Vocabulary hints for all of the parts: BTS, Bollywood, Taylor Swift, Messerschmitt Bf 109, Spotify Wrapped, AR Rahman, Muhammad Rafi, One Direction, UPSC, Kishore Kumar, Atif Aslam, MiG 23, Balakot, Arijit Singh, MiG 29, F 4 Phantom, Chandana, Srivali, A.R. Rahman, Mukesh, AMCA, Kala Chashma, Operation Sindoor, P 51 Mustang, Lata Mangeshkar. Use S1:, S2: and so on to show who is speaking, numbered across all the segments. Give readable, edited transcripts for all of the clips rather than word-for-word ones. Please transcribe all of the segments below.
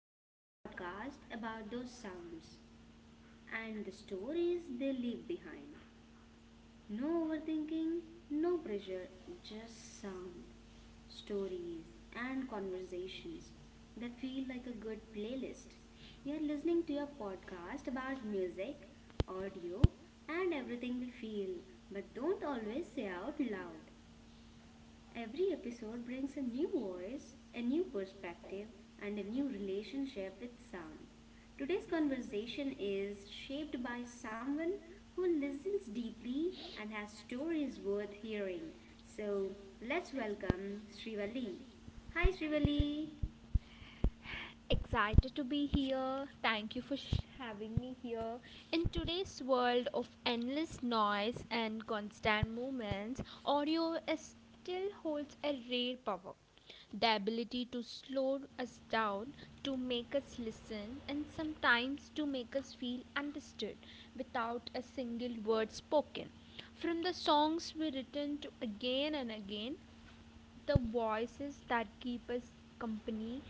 S1: This is a podcast about those sounds and the stories they leave behind. No overthinking, no pressure, just sound stories, and conversations that feel like a good playlist. You're listening to your podcast about music, audio, and everything we feel, but don't always say out loud. Every episode brings a new voice, a new perspective, and a new relationship with sound. Today's conversation is shaped by someone who listens deeply and has stories worth hearing. So let's welcome Srivali. Hi Srivali.
S2: Excited to be here. Thank you for having me here. In today's world of endless noise and constant movements, still holds a rare power. The ability to slow us down, to make us listen, and sometimes to make us feel understood without a single word spoken. From the songs we return to again and again, the voices that keep us company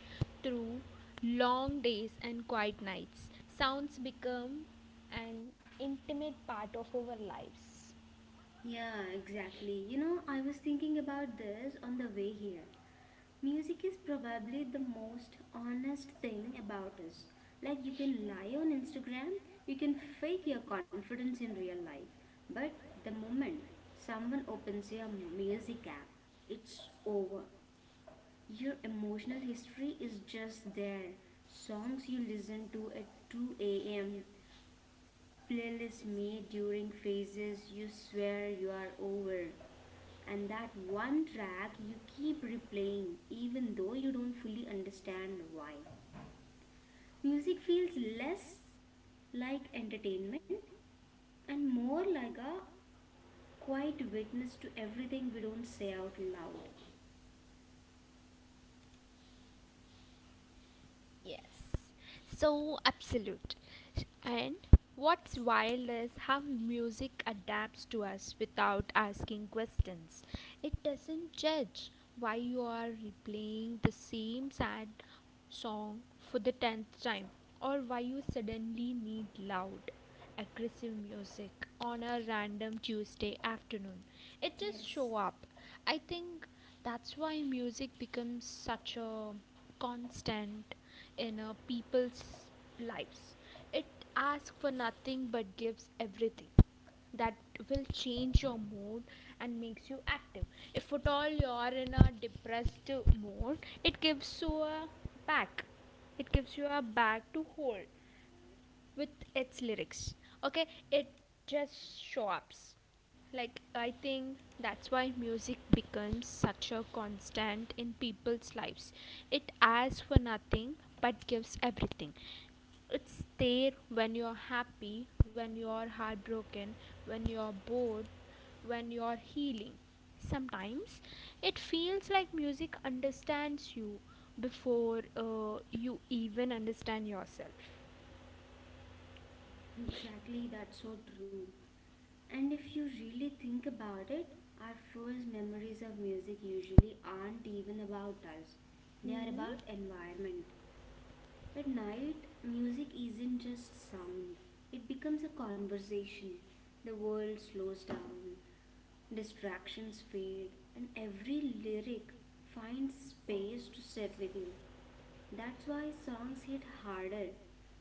S2: through long days and quiet nights. Sounds become an intimate part of our lives.
S1: Yeah, exactly. I was thinking about this on the way here. Music is probably the most honest thing about us. Like, you can lie on Instagram, you can fake your confidence in real life, but the moment someone opens your music app, it's over. Your emotional history is just there. Songs you listen to at 2 a.m., playlists made during phases you swear you are over and that one track you keep replaying even though you don't fully understand why. Music feels less like entertainment and more like a quiet witness to everything we don't say out loud.
S2: Yes, so absolute. And what's wild is how music adapts to us without asking questions. It doesn't judge why you are replaying the same sad song for the tenth time or why you suddenly need loud, aggressive music on a random Tuesday afternoon. It just show
S1: Yes,
S2: up. I think that's why music becomes such a constant in people's lives. It asks for nothing but gives everything that will change your mood and makes you active. If at all you're in a depressed mood, it gives you a back. It gives you a bag to hold with its lyrics. Okay, it just shops. Like I think that's why music becomes such a constant in people's lives. It asks for nothing but gives everything. It's there when you're happy, when you're heartbroken, when you're bored, when you're healing. Sometimes it feels like music understands you before you even understand yourself.
S1: exactly, that's so true. And if you really think about it, our first memories of music usually aren't even about us. They are
S2: Hmm.
S1: about environment. At night, music isn't just sound, it becomes a conversation. The world slows down, distractions fade, and every lyric finds space to sit with you. That's why songs hit harder,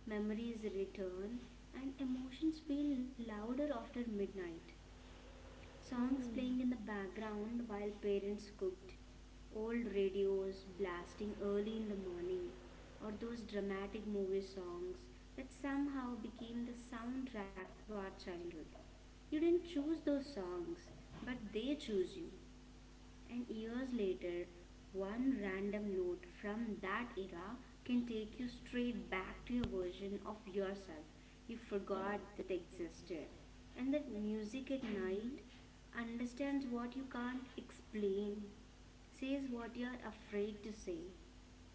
S1: memories return, and emotions feel louder after midnight. Songs playing in the background while parents cooked, old radios blasting early in the morning, or those dramatic movie songs that somehow became the soundtrack to our childhood. You didn't choose those songs, but they choose you. And years later, one random note from that era can take you straight back to your version of yourself you forgot that existed. And that music at night understands what you can't explain, says what you're afraid to say.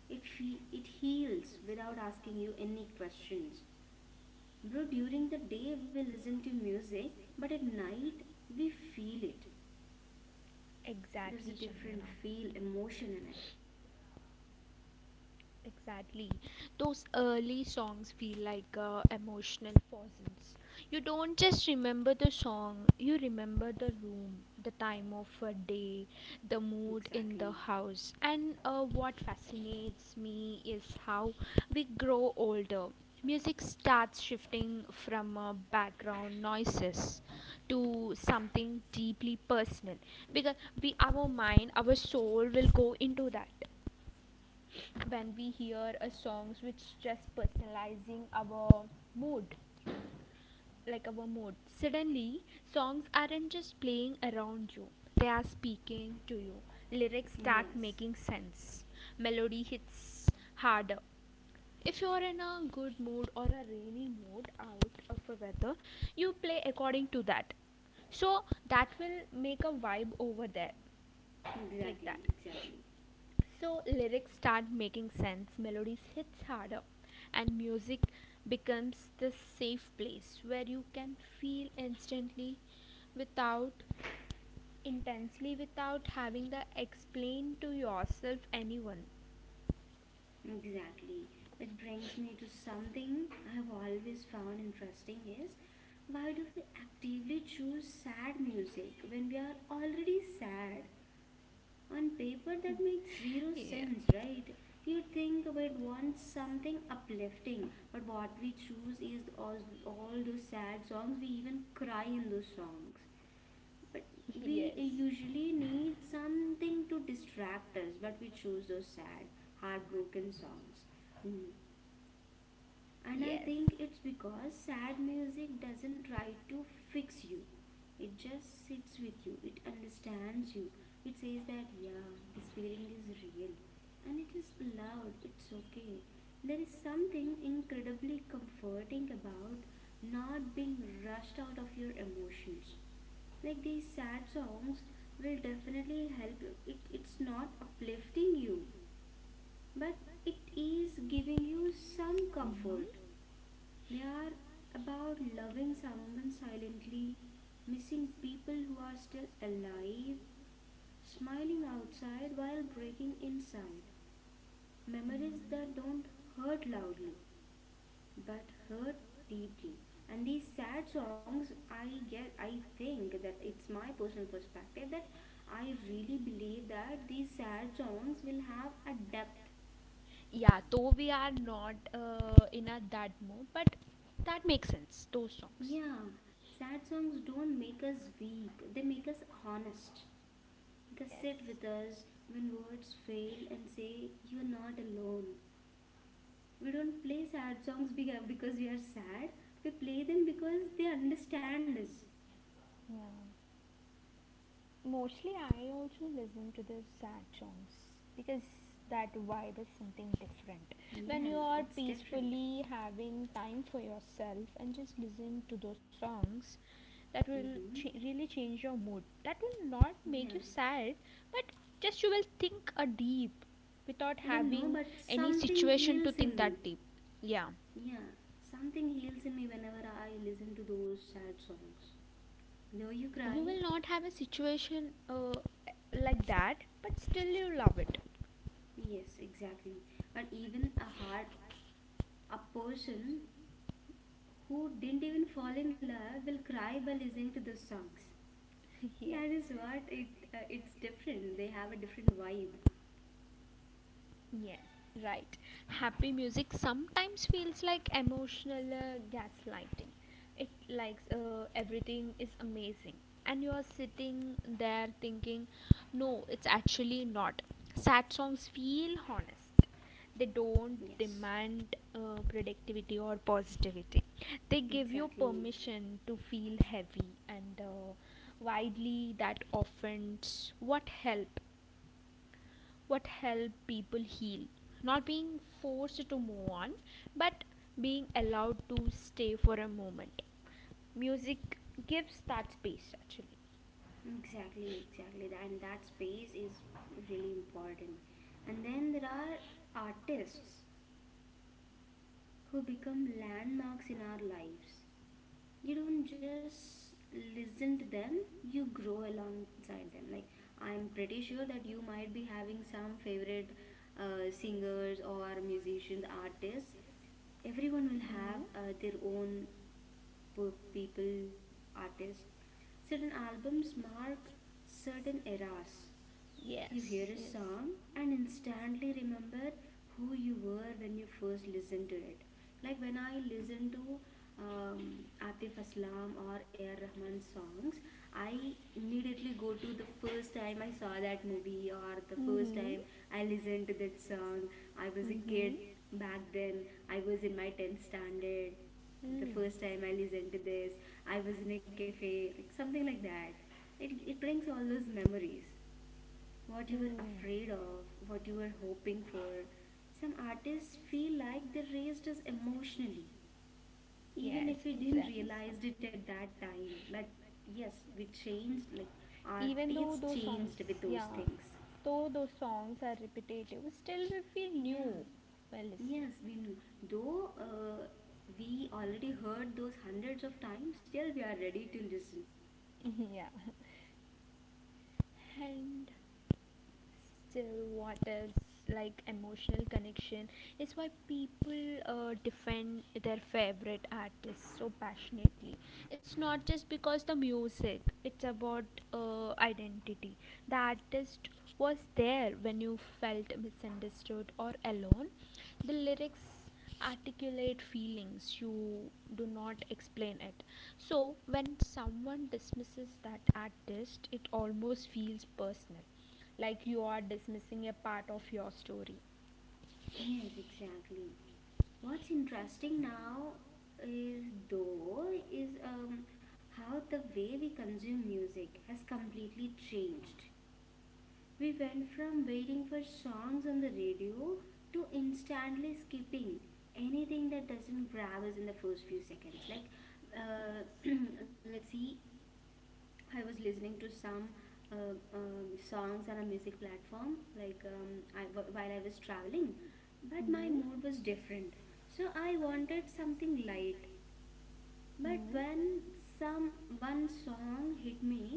S1: It heals without asking you any questions. Bro, during the day we listen to music, but at night we feel it. There's a
S2: Exactly,
S1: different
S2: Chandana.
S1: feel, emotion in it.
S2: Exactly. Those early songs feel like emotional fossils. You don't just remember the song, you remember the room, the time of a day, the mood in the
S1: Exactly.
S2: house. And what fascinates me is how we grow older. Music starts shifting from background noises to something deeply personal because we our mind our soul will go into that when we hear a songs which just personalizing our mood, like our mood. Suddenly songs aren't just playing around you, they are speaking to you. Lyrics start
S1: Yes.
S2: making sense, melody hits harder. If you're in a good mood or a rainy mood out of a weather, you play according to that, so that will make a vibe over there. Like that.
S1: Exactly. Exactly.
S2: So lyrics start making sense, melodies hits harder, and music becomes the safe place where you can feel instantly without intensely without having to explain to yourself anyone.
S1: Exactly. Which brings me to something I've always found interesting is, why do we actively choose sad music when we are already sad? On paper that makes zero
S2: Yeah.
S1: sense, right? You think about want something uplifting, but what we choose is all those sad songs. We even cry in those songs. But we
S2: Yes.
S1: usually need something to distract us, but we choose those sad, heartbroken songs. Mm. And I
S2: Yes.
S1: think it's because sad music doesn't try to fix you, it just sits with you, it understands you. It says that, yeah, this feeling is real and it is loud, it's okay. There is something incredibly comforting about not being rushed out of your emotions, like these sad songs will definitely help you, it's not uplifting you, but it is giving you some
S2: Mhm.
S1: comfort. They are about loving someone silently, missing people who are still alive, smiling outside while breaking inside, memories that don't hurt loudly but hurt deeply. And these sad songs, I think that it's my personal perspective that I really believe that these sad songs will have a depth.
S2: Yeah, though we are not in a that mood, but that makes sense those songs.
S1: Yeah, sad songs don't make us weak, they make us honest. They sit with us when words fail and say you're not alone. We don't play sad songs because we are sad, we play them because they understand us.
S2: Yeah. Mostly, I also listen to the sad songs because that vibe is something different. When you
S1: Yes,
S2: are
S1: it's different.
S2: peacefully having time for yourself and just listen to those songs, that will
S1: Mm-hmm.
S2: really change your mood. That will not
S1: Yeah,
S2: make you sad, but just you will think a deep without
S1: I don't know,
S2: having
S1: but
S2: any
S1: something
S2: situation
S1: heals
S2: to
S1: in
S2: think
S1: me.
S2: that deep. Yeah,
S1: Yeah, something heals in me whenever I listen to those sad songs. Though you
S2: you will
S1: cry,
S2: not have a situation like that, but still you love it.
S1: yes, exactly. But even a hard, a person who didn't even fall in love will cry by listening to those songs.
S2: Yes.
S1: That is what it. It's different. They have a different vibe.
S2: Yes, right. Happy music sometimes feels like emotional gaslighting. It likes everything is amazing, and you are sitting there thinking, no, it's actually not. Sad songs feel honest. They don't
S1: Yes,
S2: demand productivity or positivity. They give you
S1: exactly.
S2: permission to feel heavy and widely, that offends what help people heal. Not being forced to move on, but being allowed to stay for a moment. Music gives that space actually.
S1: Exactly, exactly. And that space is really important. And then there are artists who become landmarks in our lives. You don't just listen to them, you grow alongside them. Like, I'm pretty sure that you might be having some favorite singers or musicians, artists. Everyone will have their own people, artists. Certain albums mark certain eras. You hear a
S2: Yes. Yes.
S1: song and instantly remember who you were when you first listened to it. Like when I listen to Atif Aslam or A.R. Rahman songs, I immediately go to the first time I saw that movie or the first time I listened to that song.
S2: Mm-hmm.
S1: I was a kid back then, I was in my 10th standard. The first time I listened to this, I was in a cafe, like something like that. It brings all those memories, what you were afraid of, what you were hoping for. Some artists feel like they raised us emotionally, even
S2: Yes,
S1: if we didn't
S2: exactly. So,
S1: realize it at that time. But yes, we changed, like our
S2: even though
S1: taste
S2: those songs,
S1: changed with those
S2: yeah,
S1: things.
S2: though those songs are repetitive, still we feel
S1: Yeah,
S2: new while listening.
S1: yes, we know. Though we already heard those hundreds of times, still we are ready to listen.
S2: Yeah. And still what else, like emotional connection, is why people defend their favorite artists so passionately. It's not just because the music, it's about identity. The artist was there when you felt misunderstood or alone. The lyrics articulate feelings you do not explain it. So when someone dismisses that artist, it almost feels personal, like you are dismissing a part of your story.
S1: Yes, exactly. What's interesting now is, though, is how the way we consume music has completely changed. We went from waiting for songs on the radio to instantly skipping anything that doesn't grab us in the first few seconds. Like, uh, let's see, I was listening to some songs on a music platform, like while I was traveling, but my
S2: Hmm.
S1: mood was different. So I wanted something light. But
S2: Hmm.
S1: when some one song hit me,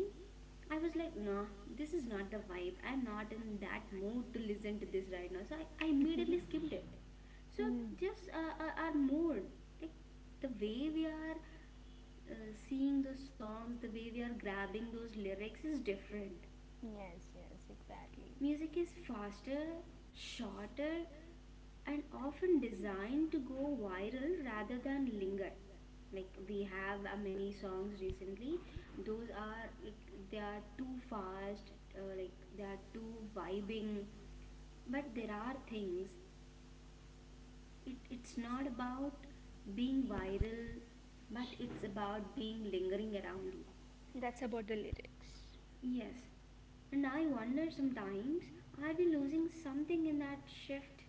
S1: I was like, no, this is not the vibe. I'm not in that mood to listen to this right now. So I immediately skipped it. So
S2: Hmm.
S1: just our mood, like the way we are seeing those songs, the way we are grabbing those lyrics is different.
S2: Yes, yes, exactly.
S1: Music is faster, shorter, and often designed to go viral rather than linger. Like we have many songs recently, those are like they are too fast, like they are too vibing. But there are things. It's not about being
S2: Yeah.
S1: viral, but it's about being lingering around you.
S2: That's about the lyrics.
S1: Yes, and I wonder sometimes, are we losing something in that shift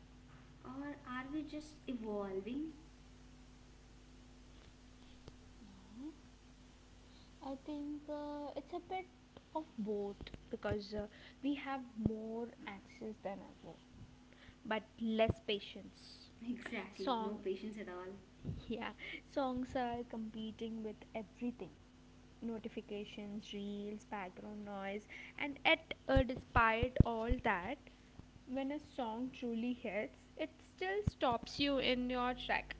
S1: or are we just evolving?
S2: Mhm. I think it's a bit of both because we have more access than ever, but less patience.
S1: Exactly, no
S2: Song,
S1: patience at all.
S2: yeah, songs are competing with everything, notifications, reels, background noise, and yet, despite all that, when a song truly hits, it still stops you in your track.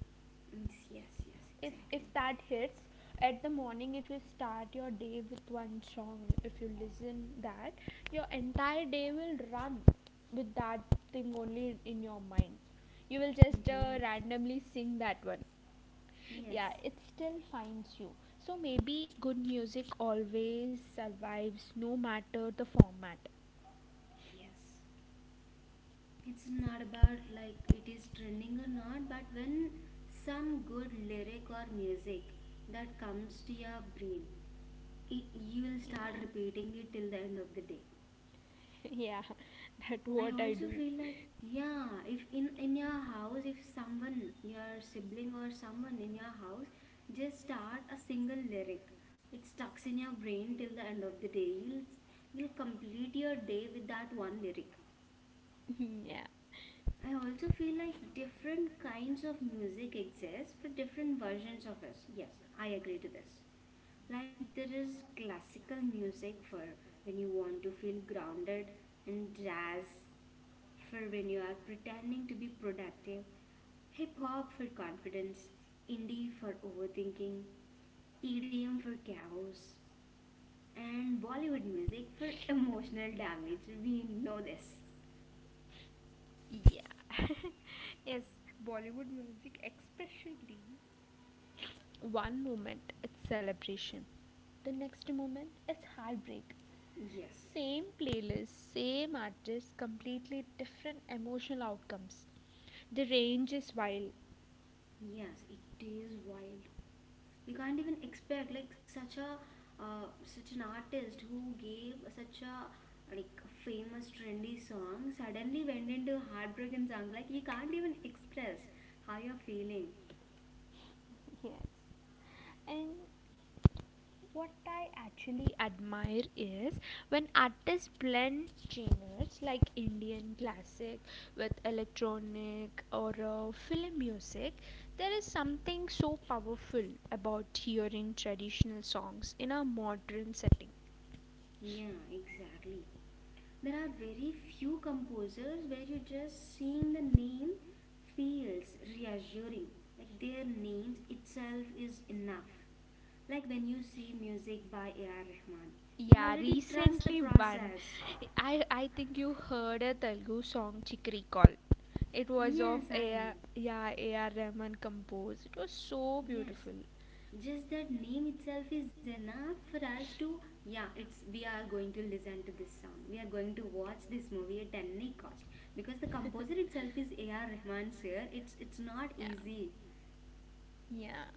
S1: It's yes, yes,
S2: If
S1: exactly.
S2: that hits at the morning, if you start your day with one song, if you listen that, your entire day will run with that thing only in your mind. You will just
S1: Mm-hmm.
S2: randomly sing that one. Yeah,
S1: Yes,
S2: it still finds you. So maybe good music always survives, no matter the format.
S1: yes. It's not about like it is trending or not, but when some good lyric or music that comes to your brain, it, you will start
S2: Yeah.
S1: repeating it till the end of the day.
S2: Yeah. That's
S1: I
S2: what I
S1: also
S2: do.
S1: feel like yeah, if in your house, if someone, your sibling or someone in your house, just start a single lyric. It stucks in your brain till the end of the day. You'll complete your day with that one lyric.
S2: Yeah.
S1: I also feel like different kinds of music exist for different versions of us. Yes, I agree to this. Like there is classical music for when you want to feel grounded, and jazz for when you are pretending to be productive, hip hop for confidence, indie for overthinking, EDM for chaos, and Bollywood music for emotional damage. We know this.
S2: Yeah. Yes. Bollywood music, especially. One moment it's celebration, the next moment it's heartbreak.
S1: Yes,
S2: Same playlist, same artist, completely different emotional outcomes. The range is wild.
S1: yes, it is wild. You can't even expect like such a such an artist who gave such a like famous trendy song suddenly went into heartbroken songs, like you can't even express how you're feeling.
S2: Yes. And what I actually admire is when artists blend genres, like Indian classic with electronic or film music. There is something so powerful about hearing traditional songs in a modern setting.
S1: Yeah, exactly. There are very few composers where you just seeing the name feels reassuring, like their names itself is enough. Like when you see music by A.R. Rahman, you
S2: Yeah,
S1: already trust the
S2: recently one.
S1: process.
S2: I think you heard a Telugu song, Chikri Call. It was of
S1: Yes, I
S2: AR,
S1: know.
S2: yeah, AR Rahman composed. It was so
S1: Yes,
S2: beautiful.
S1: just that name itself is enough for us to, yeah, it's we are going to listen to this song, we are going to watch this movie at any cost, because the composer itself is A.R. Rahman sir. It's not
S2: Yeah.
S1: easy.
S2: Yeah.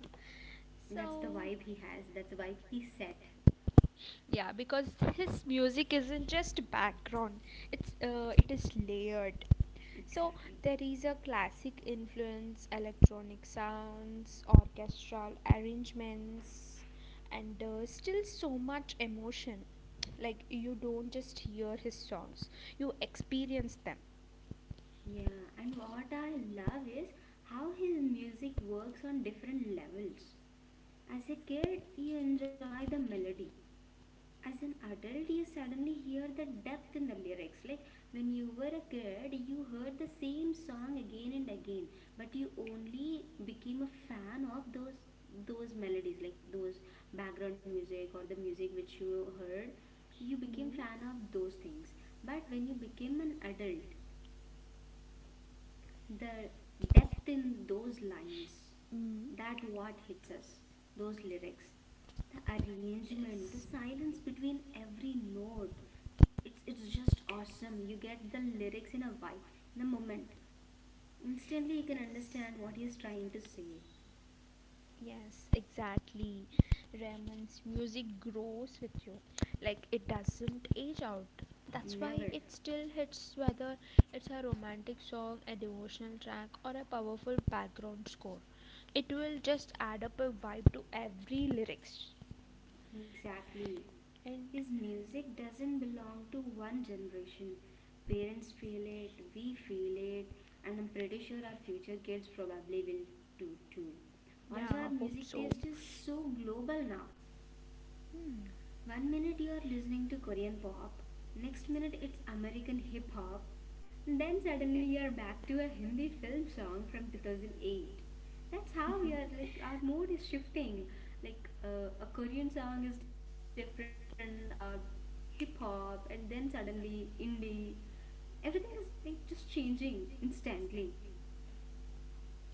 S1: That's the
S2: So,
S1: vibe he has. That's the vibe he set.
S2: yeah, because his music isn't just background, it's it is layered. So
S1: Exactly.
S2: there is a classic influence, electronic sounds, orchestral arrangements, and still so much emotion. Like you don't just hear his songs, you experience them.
S1: Yeah, and what I love is how his music works on different levels. As a kid, you enjoy the melody, as an adult you suddenly hear the depth in the lyrics. Like when you were a kid you heard the same song again and again, but you only became a fan of those melodies like those background music or the music which you heard, you became
S2: Mm.
S1: fan of those things. But when you became an adult, the depth in those lines,
S2: Mm.
S1: that what hits us, those lyrics, the arrangement, the silence between every note, it's just awesome. You get the lyrics in a vibe, in a moment, instantly you can understand what he's trying to say.
S2: Yes, exactly. Raymond's music grows with you. Like it doesn't age out. That's why
S1: Never,
S2: it still hits, whether it's a romantic song, a devotional track, or a powerful background score. It will just add up a vibe to every lyrics.
S1: exactly.
S2: And
S1: His music doesn't belong to one generation. Parents feel it, we feel it, and I'm pretty sure our future kids probably will do too.
S2: yeah,
S1: Also our
S2: I hope
S1: music
S2: so.
S1: taste is so global now.
S2: Hmm.
S1: One minute you are listening to Korean pop, next minute it's American hip hop, and then suddenly you are back to a Hindi film song from 2008. That's how we are, like our mood is shifting. Like a Korean song is different, hip hop, and then suddenly indie. Everything is like just changing instantly.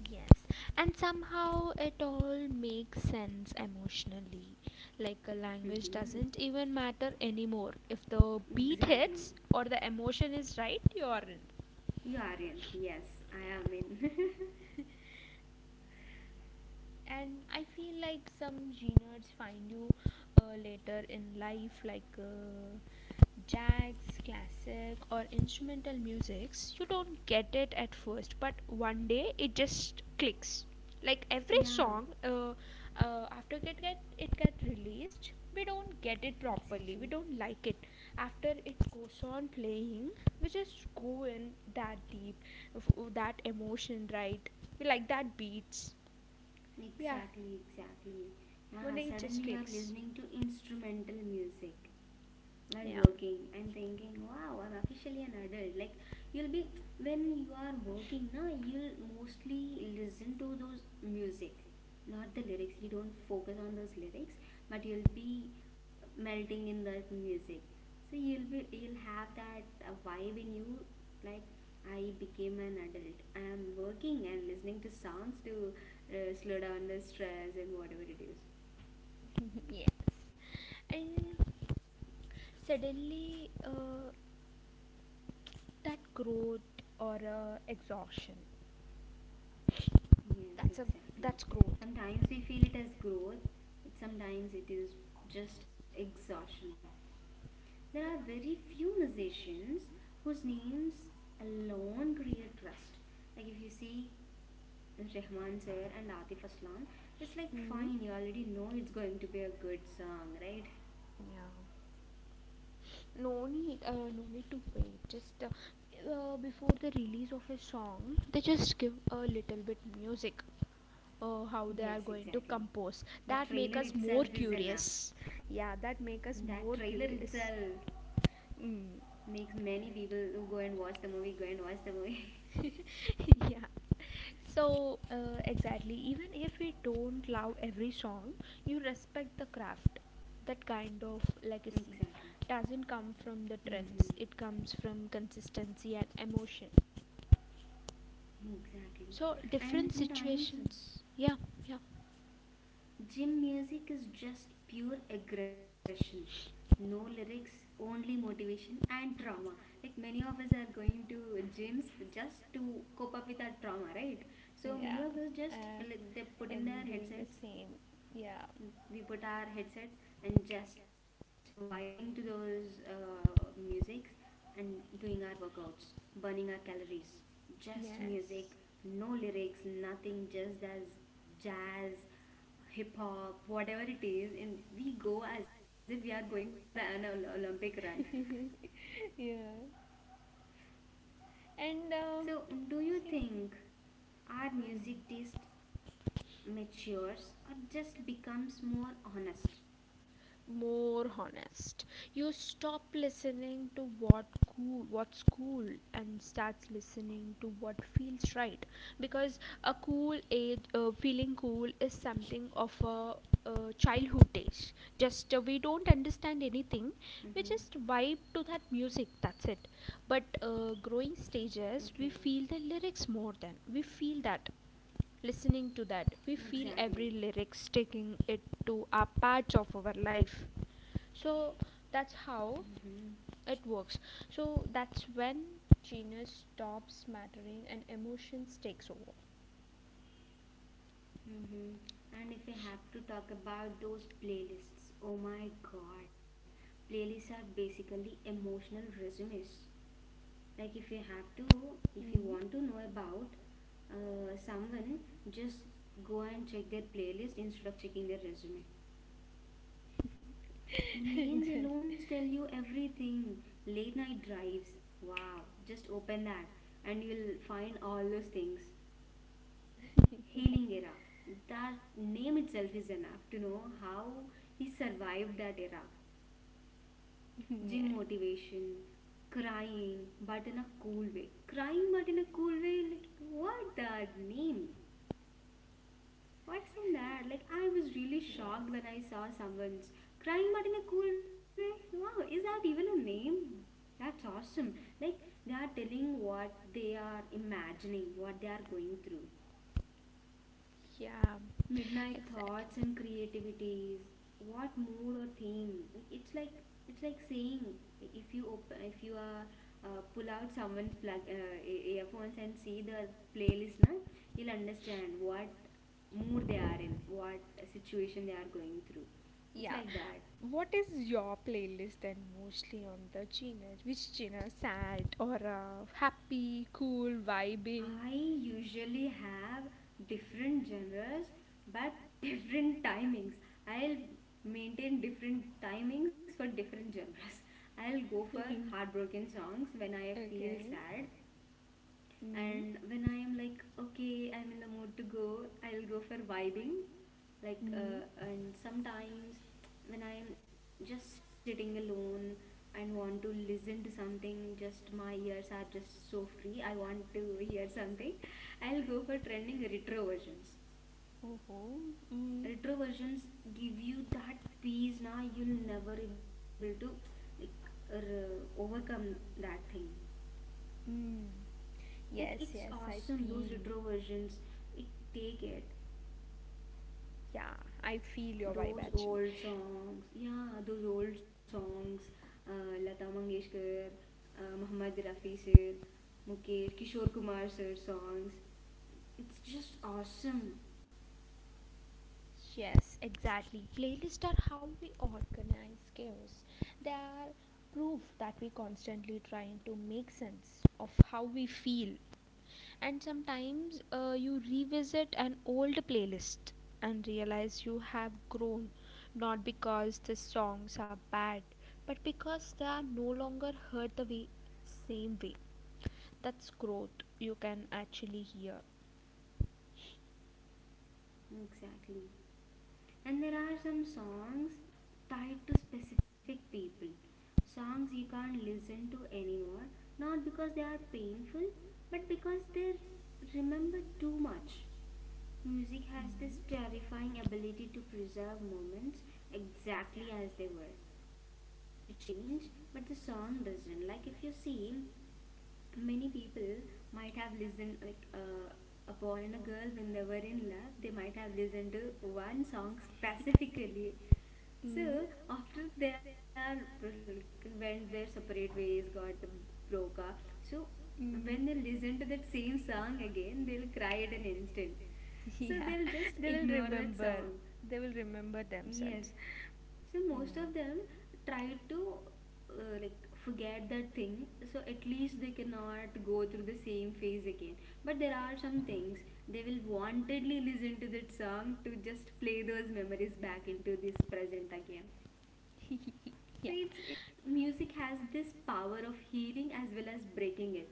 S2: Yes, and somehow it all makes sense emotionally. Like a language
S1: Hmm.
S2: doesn't even matter anymore. If the beat
S1: Exactly.
S2: hits or the emotion is right, you're in.
S1: You are in. Yes, I am in.
S2: And I feel like some G nerds find you later in life, like jazz, classic, or instrumental musics. You don't get it at first, but one day it just clicks. Like every
S1: Yeah,
S2: song, after it get released, we don't get it properly. We
S1: exactly.
S2: don't like it. After it goes on playing, we just go in that deep, that emotion, right? We like that beats. Yeah.
S1: Exactly, exactly.
S2: Why
S1: Yeah,
S2: don't you just
S1: suddenly you are
S2: clicks?
S1: listening to instrumental music while
S2: Yeah.
S1: working and thinking wow, I'm officially an adult. Like you'll be, when you are working now you'll mostly listen to those music, not the lyrics, you don't focus on those lyrics, but you'll be melting in that music. So you'll be, you'll have that vibe in you, like I became an adult, I am working and listening to songs to slow down the stress and whatever it is.
S2: Yes. And suddenly that growth or exhaustion,
S1: Yes,
S2: that's a,
S1: exactly.
S2: that's growth,
S1: Sometimes we feel it as growth, but sometimes it is just exhaustion. There
S2: you
S1: are very
S2: know.
S1: few musicians whose names alone create trust. Like if you see Rahman sir and Atif Aslam, it's like
S2: Hmm.
S1: fine, you already know it's going to be a good song, right?
S2: Yeah, no need, no need to wait. Just before the release of a song, they just give a little bit music, how they are
S1: Yes,
S2: going to
S1: exactly.
S2: compose
S1: The
S2: that make
S1: trailer
S2: us more
S1: itself is enough.
S2: curious. Yeah, that make
S1: That
S2: us
S1: trailer
S2: more
S1: itself
S2: curious. Mm.
S1: makes many people who go and watch the movie go and watch the movie.
S2: Yeah. So exactly, even if we don't love every song, you respect the craft. That kind of legacy
S1: Exactly.
S2: doesn't come from the
S1: Mm-hmm.
S2: trends. It comes from consistency and emotion.
S1: Exactly.
S2: So different
S1: And sometimes
S2: situations. Yeah, yeah.
S1: gym music is just pure aggression. No lyrics, only motivation and trauma. Like many of us are going to gyms just to cope up with our trauma, right?
S2: Yeah.
S1: So many of us
S2: Um,
S1: just like, they put
S2: I'm
S1: in
S2: doing
S1: their
S2: the same.
S1: headsets,
S2: Yeah.
S1: we put our headset and just vibing to those musics, and doing our workouts, burning our calories, just
S2: Yes.
S1: music, no lyrics, nothing, just as jazz, hip hop, whatever it is, and we go as if we are going for an olympic run.
S2: Yeah. And
S1: So do you think our music taste matures or just becomes more honest?
S2: more honest, you stop listening to what cool what's cool and starts listening to what feels right. Because a cool age, feeling cool is something of a childhood days. Just we don't understand anything,
S1: Mm-hmm.
S2: we just vibe to that music, that's it. But growing stages, we
S1: Okay.
S2: feel the lyrics more than we feel that, listening to that. We feel
S1: Exactly.
S2: every lyrics taking it to our parts of our life. So that's how
S1: Mm-hmm.
S2: it works. So that's when genius stops mattering and emotions takes over.
S1: Mm-hmm. And if I have to talk about those playlists, oh my god, playlists are basically emotional resumes. Like if you have to, if you
S2: Mhm.
S1: want to know about someone, just go and check their playlist instead of checking their resume. The names alone tell you
S2: Exactly.
S1: everything. Late night drives, wow, just open that and you'll find all those things. Healing era.
S2: Yeah.
S1: That name itself is enough to know how he survived that era.
S2: Yeah.
S1: Gym motivation, crying, but in a cool way. Crying, but in a cool way. Like, what that name? What's in that? Like, I was really shocked when I saw someone's crying, but in a cool way. Wow, is that even a name? That's awesome. Like, they are telling what they are imagining, what they are going through.
S2: Yeah. He.
S1: Midnight thoughts and creativities, what mood or theme. Like, it's like, it's like saying, like, if you open, if you are pull out someone's plug earphones and see the playlist na, you'll understand what mood they are in, what situation they are going through. It's
S2: Yeah.
S1: like that.
S2: What is your playlist then, mostly on the genre? Which genre? Sad or happy, cool, vibing?
S1: I usually have different genres but different timings. I'll maintain different timings for different genres. I'll go for heartbroken songs when I feel
S2: Okay.
S1: sad,
S2: Mm.
S1: and when I am like, okay, I'm in the mood to go, I'll go for vibing. Like,
S2: Mm.
S1: and sometimes when I am just sitting alone and want to listen to something, just my ears are just so free, I want to hear something, I'll go for trending retro versions.
S2: Oh. Mm.
S1: Retro versions give you that peace now, you'll never able to like overcome that thing.
S2: Mm.
S1: Like
S2: Yes,
S1: it's
S2: yes, I
S1: awesome, those
S2: feel.
S1: retro versions. It take it.
S2: Yeah, I feel your vibe
S1: Those
S2: actually.
S1: old songs, yeah, those old songs, Lata Mangeshkar, Muhammad Rafi sir, Mukesh, Kishore Kumar sir songs, it's just awesome.
S2: Yes, exactly. Playlists are how we organize chaos. They are proof that we constantly trying to make sense of how we feel. And sometimes you revisit an old playlist and realize you have grown, not because the songs are bad, but because they are no longer heard the way, same way. That's growth. You can actually hear.
S1: Exactly. And there are some songs tied to specific people, songs you can't listen to anymore, not because they are painful, but because they're remembered too much. Music has this terrifying ability to preserve moments exactly as they were. You change, but the song doesn't. Like if you see, many people might have listened like a boy and a girl when they were in love. They might have listened to one song specifically,
S2: Mm.
S1: so after they are like, went their separate ways, got broke up. So when they listen to that same song again, they'll cry at an instant. So
S2: Yeah,
S1: they'll just
S2: they will
S1: ignore that
S2: remember.
S1: song.
S2: They will remember
S1: Yes.
S2: themselves.
S1: So
S2: Mm.
S1: most of them try to like forget that thing. So at least they cannot go through the same phase again. But there are some things they will wantedly listen to that song to just play those memories back into this present again.
S2: Yeah.
S1: So it's it music has this power of healing as well as breaking it.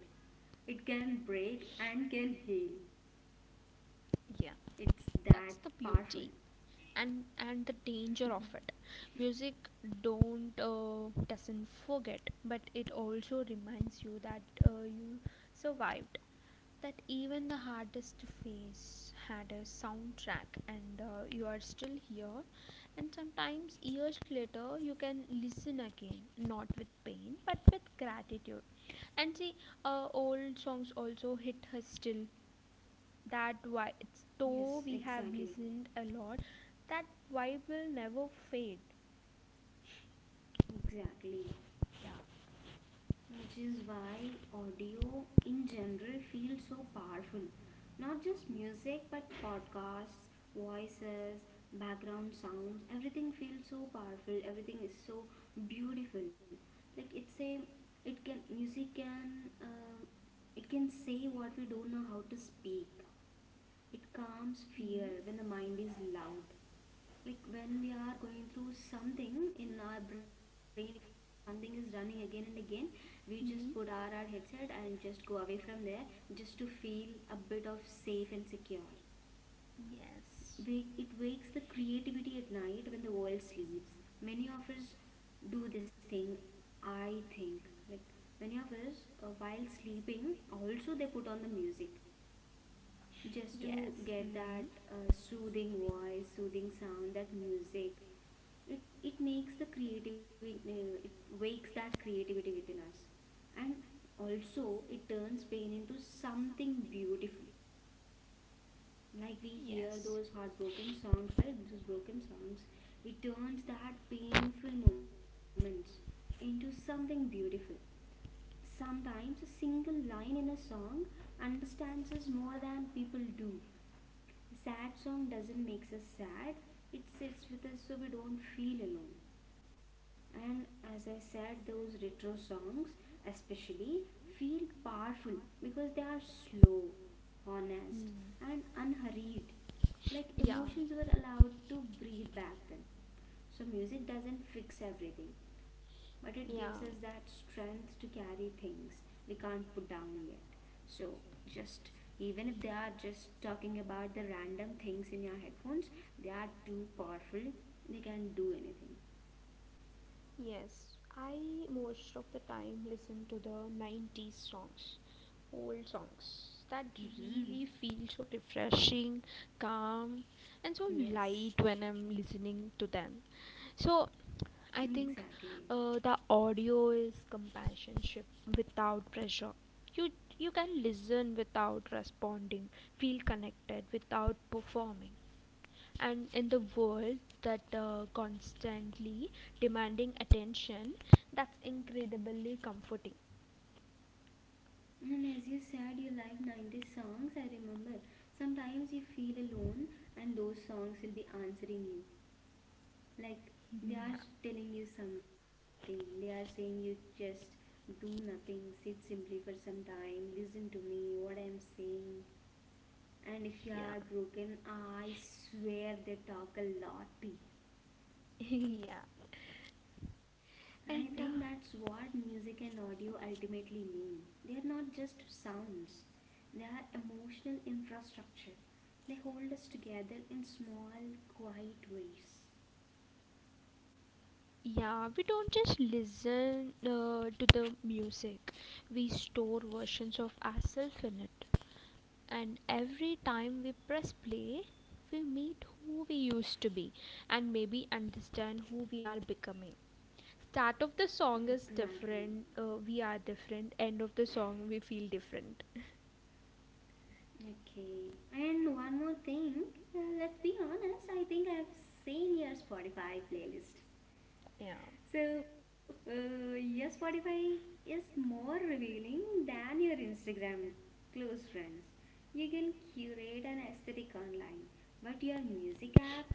S1: It can break and can heal.
S2: Yeah.
S1: It's
S2: That's
S1: that
S2: the
S1: powerful.
S2: beauty and the danger of it. Music don't doesn't forget, but it also reminds you that you survived. That even the hardest phase had a soundtrack and you are still here. And sometimes years later you can listen again, not with pain but with gratitude. And see, old songs also hit us still. That why it's,
S1: Yes,
S2: though we have
S1: exactly.
S2: listened a lot, that vibe will never fade.
S1: Exactly. Which is why audio in general feels so powerful. Not just music, but podcasts, voices, background sounds, everything feels so powerful. Everything is so beautiful. Like it's a, it can music can, it can say what we don't know how to speak. It calms fear
S2: Mm.
S1: when the mind is loud, like when we are going through something in our brain, if something is running again and again, we just put our
S2: Hmm.
S1: headset and just go away from there, just to feel a bit of safe and secure. Wake,
S2: Yes.
S1: it wakes the creativity at night when the world sleeps. Many of us do this thing, I think. Like many of us while sleeping also they put on the music, just to get that soothing voice, soothing sound, that music, it makes the creativity it wakes that creativity within us. And also it turns pain into something beautiful. Like we hear those heartbroken songs, right, those broken songs, it turns that painful moments into something beautiful. Sometimes a single line in a song understands us more than people do. A sad song doesn't make us sad, it sits with us so we don't feel alone. And as I said, those retro songs especially feel powerful, because they are slow, honest, and unhurried. Like emotions were allowed to breathe back then. So music doesn't fix everything, but it gives
S2: Yeah.
S1: us that strength to carry things we can't put down yet. So just, even if they are just talking about the random things in your headphones, they are too powerful, they can do anything.
S2: Yes, I most of the time listen to the 90s songs, old songs that
S1: Hmm.
S2: really feel so refreshing, calm, and so
S1: Yes,
S2: light when I'm listening to them. So I think
S1: exactly.
S2: the audio is companionship without pressure. You you can listen without responding, feel connected without performing, and in the world that constantly demanding attention, that's incredibly comforting.
S1: And as you said, you like 90s songs, I remember. Sometimes you feel alone, and those songs will be answering you. Like they are telling you something, they are saying you just do nothing, sit simply for some time, listen to me, what I'm saying. And if you
S2: Yeah.
S1: are broken, I swear they talk a lot to you.
S2: Yeah,
S1: I think
S2: and
S1: that's what music and audio ultimately mean. They are not just sounds, they are emotional infrastructure. They hold us together in small, quiet ways.
S2: yeah, we don't just listen to the music, we store versions of ourselves in it, and every time we press play, we meet who we used to be and maybe understand who we are becoming. Start of the song is
S1: Exactly.
S2: different, we are different, end of the song we feel different.
S1: Okay. And one more thing. Let's be honest. I think I've seen your Spotify playlist.
S2: Yeah.
S1: So your Spotify is more revealing than your Instagram close friends. You can curate an aesthetic online, but your music app,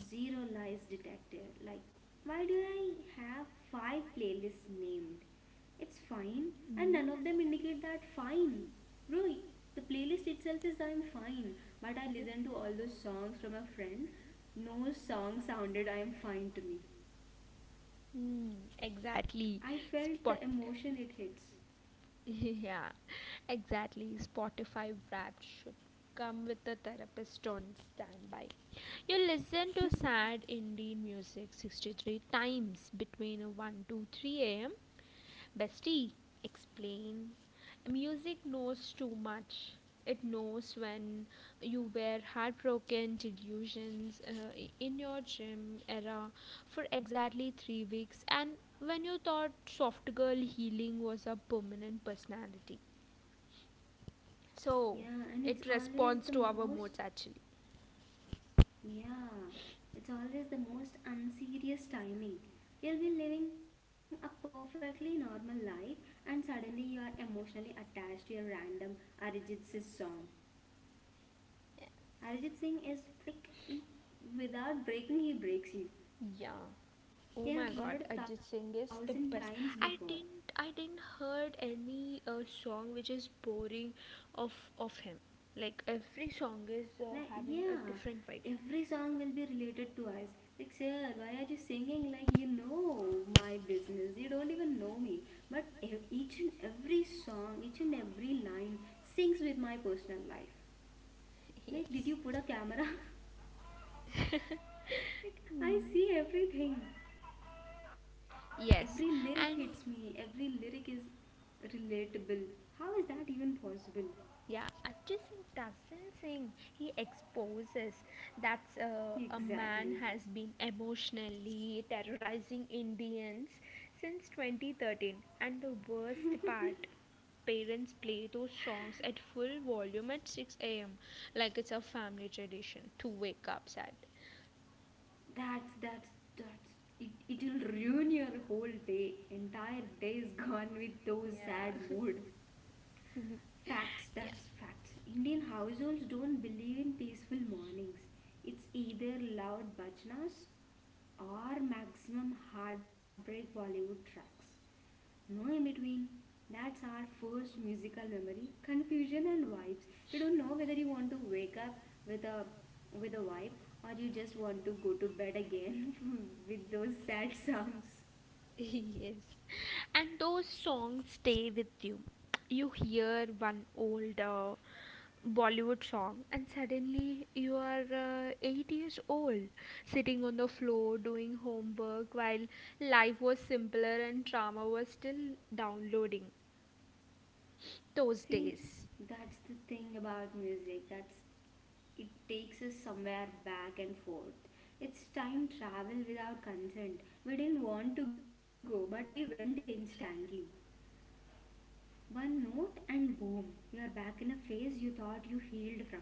S1: zero lies detected. Like, why do I have 5 playlists named? It's fine, and
S2: Mm.
S1: none of them indicate that fine. Bro, the playlist itself is I'm
S2: I
S1: fine, but I
S2: Mhm.
S1: listened to all those songs from a friend. No song sounded I am fine to me.
S2: Hmm, exactly.
S1: I
S2: Spot.
S1: felt the emotion it hits.
S2: Yeah, exactly. Spotify Wrapped should come with a therapist on standby. You listen to sad Indian music 63 times between 1 to 3 a.m. Bestie, explain. Music knows too much. It knows when you were heartbroken, delusions in your gym era for exactly 3 weeks, and when you thought soft girl healing was a permanent personality. So,
S1: Yeah, and it's
S2: it
S1: always
S2: responds
S1: the
S2: to our
S1: most,
S2: moods actually.
S1: yeah, it's always the most unserious timing. You'll be living a perfectly normal life and suddenly you are emotionally attached to your random Arijit Singh song. Arijit Singh is like, he, without breaking, he breaks you.
S2: Yeah. Oh
S1: You
S2: my
S1: have
S2: god,
S1: heard a
S2: Ajit
S1: thousand
S2: Singh is
S1: times
S2: the best.
S1: before.
S2: I didn't heard any song which is boring of him. Like every song is
S1: Like,
S2: having a
S1: yeah,
S2: different vibe.
S1: every song will be related to us. Like, sir, why are you singing like you know my business? You don't even know me. But each and every song, each and every line sings with my personal life. Like, did you
S2: Yes.
S1: put a camera? Like, I see everything. Every lyric
S2: Yes.
S1: hits
S2: And
S1: me, every lyric is relatable. How is that even possible?
S2: yeah, Ajay Singh doesn't sing. He exposes that a man
S1: Exactly.
S2: has been emotionally terrorizing Indians since 2013. And the worst part, parents play those songs at full volume at 6 a.m., like it's a family tradition to wake up sad.
S1: That's that's it. It'll ruin your whole day. Entire day is gone with those sad
S2: Yeah.
S1: mood. Facts.
S2: Yeah.
S1: That's facts. Indian households don't believe in peaceful mornings. It's either loud bhajnas or maximum heartbreak Bollywood tracks, no in between. That's our first musical memory, confusion and vibes. You don't know whether you want to wake up with a with a vibe or you just want to go to bed again with those sad songs.
S2: Yes. And those songs stay with you. You hear one old Bollywood song, and suddenly you are 8 years old, sitting on the floor doing homework while life was simpler and drama was still downloading those
S1: See,
S2: days.
S1: that's the thing about music. That's it takes us somewhere back and forth. It's time travel without consent. We didn't want to go, but we went instantly. One note and boom, you are back in a phase you thought you healed from.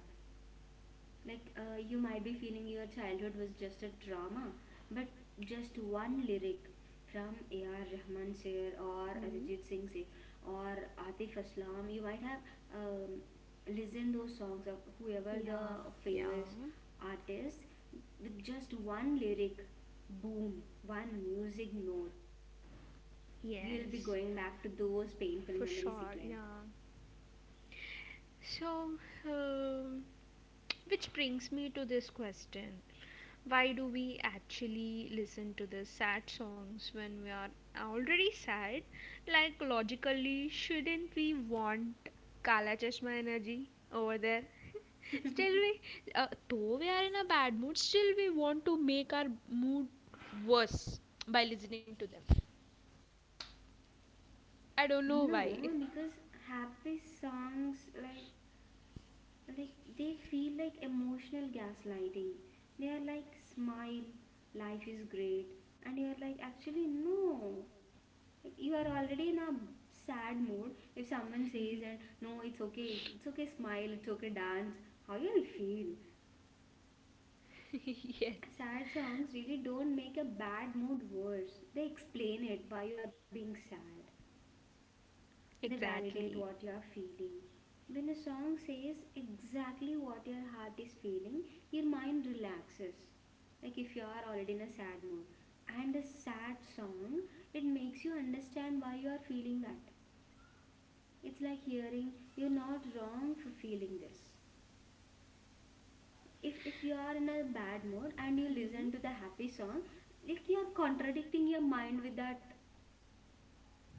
S1: Like, you might be feeling your childhood was just a drama, but just one lyric from A.R. Rahman sir or
S2: Hmm?
S1: Arijit Singh sir or Atif Aslam, you might have um, listened those songs of whoever the
S2: Yeah, yeah,
S1: famous artist with just one lyric, boom, one music note, you'll be going back to
S2: yes.
S1: those painful memories
S2: For
S1: again.
S2: sure, yeah. So, um, which brings me to this question. Why do we actually listen to the sad songs when we are already sad? Like, logically, shouldn't we want Kala Chashma energy over there? Still, we, though we are in a bad mood, still we want to make our mood worse by listening to them. I don't
S1: No,
S2: know why.
S1: because happy songs like they feel like emotional gaslighting. They are like, smile, life is great, and you are like, actually no, like you are already in a sad mood. If someone says and no, it's okay, it's okay, smile, it's okay, dance, how you'll feel?
S2: Yes.
S1: Sad songs really don't make a bad mood worse, they explain it, why you are being sad. They validate
S2: Exactly.
S1: what you are feeling. When a song says exactly what your heart is feeling, your mind relaxes. Like if you are already in a sad mood and a sad song, it makes you understand why you are feeling that. It's like hearing, you're not wrong for feeling this. If you are in a bad mood and you
S2: Mhm.
S1: listen to the happy song, like you're contradicting your mind with that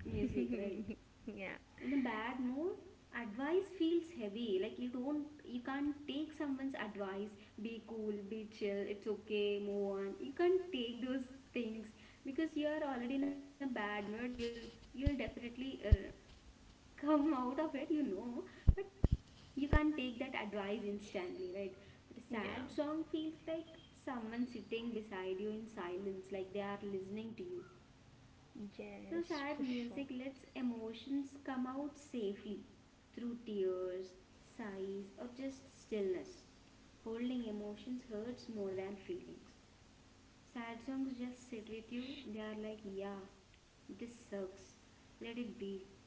S1: music, right?
S2: Yeah,
S1: In a bad mood, advice feels heavy. Like you don't you can't take someone's advice, be cool, be chill, it's okay, move on. You can't take those things because you are already in a bad mood. You'll definitely come out of it. But you can't take that advice instantly, right? But a
S2: yeah,
S1: sad song feels like someone sitting beside you in silence, like they are listening to you. So
S2: yes,
S1: sad
S2: for sure.
S1: music lets emotions come out safely through tears, sighs, or just stillness. Holding emotions hurts more than feelings. Sad songs just sit with you. They are like, yeah, this sucks, let it be.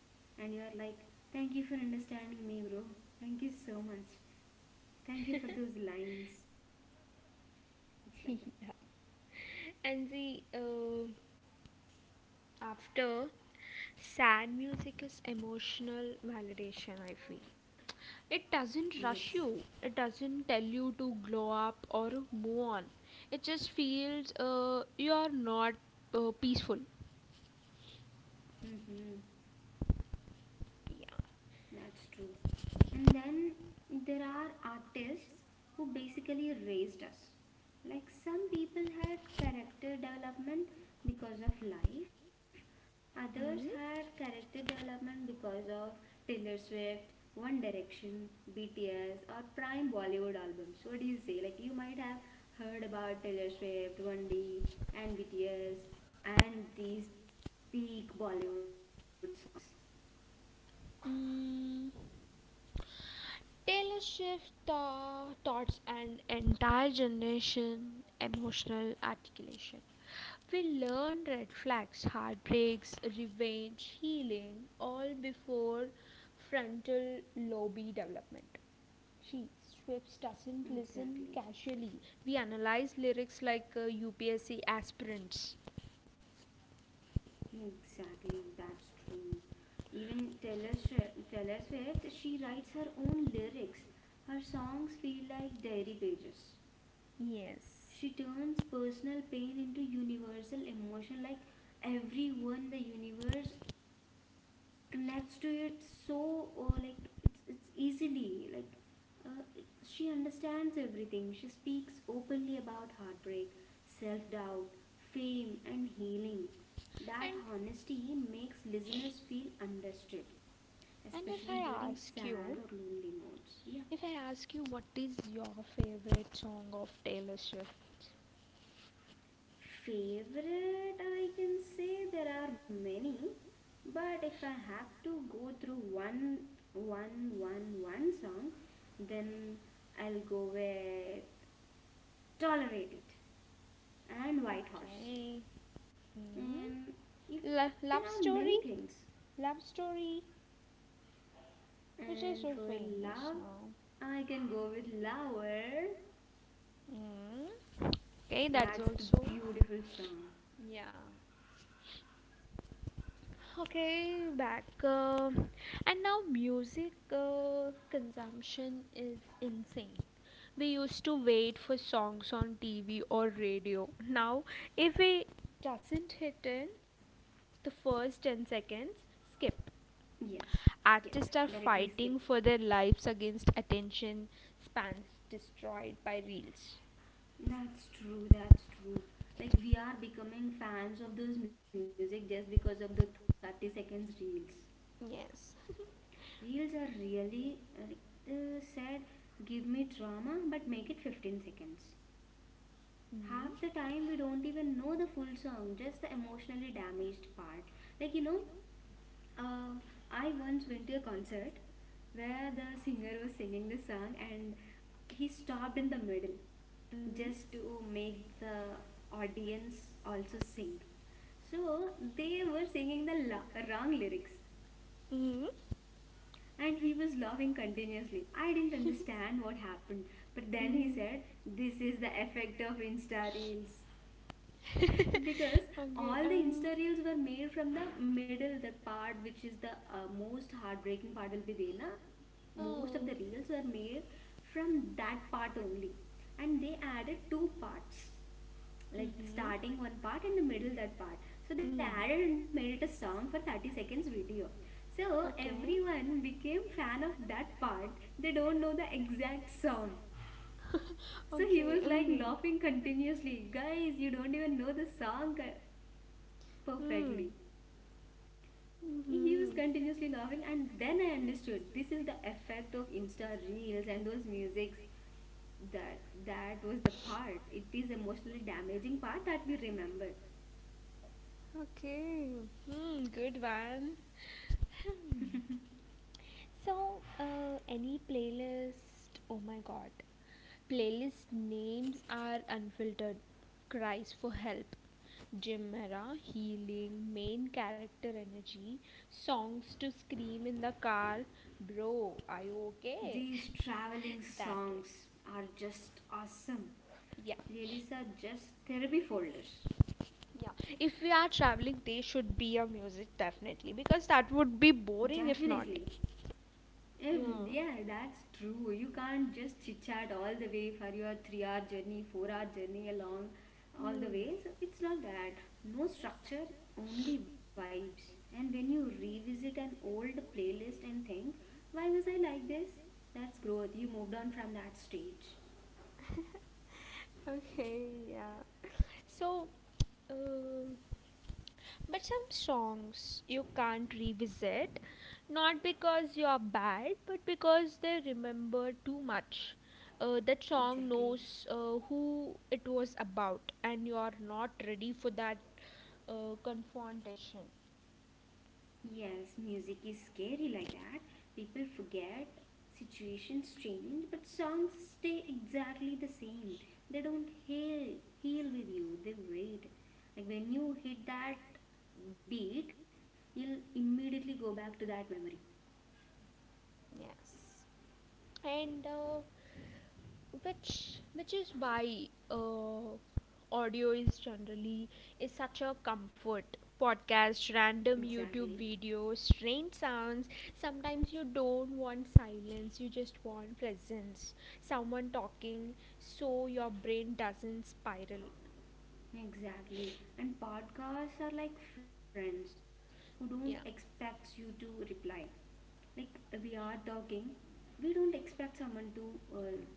S1: And you are like, thank you for understanding me, bro. Thank you so much. Thank you for those lines. It's like that.
S2: Yeah. And the after, sad music is emotional validation, I feel. It doesn't rush
S1: Yes.
S2: you, it doesn't tell you to glow up or move on. It just feels you are not peaceful.
S1: Mm-hmm.
S2: Yeah.
S1: That's true. And then there are artists who basically raised us. Like some people had character development because of life, others had
S2: Hmm?
S1: character development because of Taylor Swift, One Direction, BTS, or prime Bollywood albums. What do you say? Like you might have heard about Taylor Swift, 1D, and BTS, and these peak Bollywood songs.
S2: Mm. Taylor Swift taught an entire generation emotional articulation. We learn red flags, heartbreaks, revenge, healing, all before frontal lobe development. She Swift doesn't
S1: Exactly.
S2: listen casually. We analyze lyrics like UPSC aspirants.
S1: Exactly, that's true. Even Taylor Swift, she writes her own lyrics. Her songs feel like diary pages.
S2: Yes.
S1: She turns personal pain into universal emotion, like everyone, the universe connects to it. So like it's easily like uh, she understands everything. She speaks openly about heartbreak, self doubt, fame, and healing. That
S2: And
S1: honesty makes listeners feel understood,
S2: and If I
S1: especially during
S2: ask you,
S1: sad or lonely moods. Yeah.
S2: What is your favorite song of Taylor Swift?
S1: Favorite, I can say there are many, but if I have to go through one, one song, then I'll go with "Tolerate It" and "White Horse."
S2: Okay. Mm.
S1: And you, there
S2: Love
S1: are many
S2: story?
S1: things.
S2: Love story, which is
S1: And
S2: so
S1: for
S2: famous
S1: love,
S2: now.
S1: I can go with "Lover."
S2: Mm. Okay, that's
S1: That's the
S2: also.
S1: beautiful song.
S2: Yeah. Okay, back. And now music consumption is insane. We used to wait for songs on TV or radio. Now, if it doesn't hit in the first 10 seconds, skip.
S1: Yes, skip,
S2: Artists are
S1: directly skip.
S2: fighting for their lives against attention spans destroyed by reels.
S1: That's true, that's true. Like we are becoming fans of those music just because of the 30 seconds reels.
S2: Yes.
S1: Reels are really said, give me drama but make it 15 seconds.
S2: Mm.
S1: Half the time we don't even know the full song, just the emotionally damaged part. Like you know, uh, I once went to a concert where the singer was singing the song and he stopped in the middle
S2: Mm.
S1: just to make the audience also sing. So they were singing the wrong lyrics
S2: Mm.
S1: and he was laughing continuously. I didn't understand what happened, but
S2: Mm.
S1: then he
S2: Mm.
S1: said, this is the effect of Insta Reels.
S2: Insta. Because,
S1: Because
S2: okay.
S1: all the Insta Reels were made from the middle, the part which is the most heartbreaking part will be there. Na? Most of the reels were made from that part only, and they added two parts,
S2: Most of
S1: like
S2: the...
S1: starting one part and the middle that part, so they added and made it a song for 30 seconds video, so everyone became fan of that part. They don't know the exact song.
S2: So,
S1: So he was like laughing continuously, guys, you don't even know the song perfectly.
S2: he...
S1: He was continuously laughing,
S2: Mm-hmm.
S1: and then I understood, this is the effect of Insta Reels and those musics. that that was the part. It is emotionally damaging part that we remember.
S2: Okay. Hmm, good one. Hmm. So, any playlist? Oh my god. Playlist names are unfiltered. Cries for help. Gym era, healing, main character energy, songs to scream in the car. Bro, are you okay?
S1: These traveling
S2: That way.
S1: songs are just awesome.
S2: Yeah,
S1: Playlists are just therapy folders.
S2: yeah. If we are traveling, they should be a music definitely because that would be boring if
S1: Definitely.
S2: not.
S1: If,
S2: Yeah. Well,
S1: yeah, that's true. You can't just chit chat all the way for your 3 hour journey, 4 hour journey along all the
S2: hmm.
S1: way. So it's not that. No structure, only vibes. And when you revisit an old playlist and think, why was I like this? That's growth. You moved on from that stage.
S2: Okay, yeah. So, um, but some songs you can't revisit, not because you are bad, but because they remember too much. That song
S1: Exactly.
S2: knows who it was about, and you are not ready for that confrontation.
S1: Yes, music is scary like that. People forget, situations change, but songs stay exactly the same. They don't heal, heal with you, they wait. Like when you hit that beat, you'll immediately go back to that memory.
S2: Yes, and which is why audio is generally is such a comfort. Podcast, random
S1: Exactly,
S2: YouTube videos, strange sounds. Sometimes you don't want silence, you just want presence. Someone talking, so your brain doesn't spiral.
S1: exactly. And podcasts are like friends who don't expect you to reply. Like we are talking, we don't expect someone to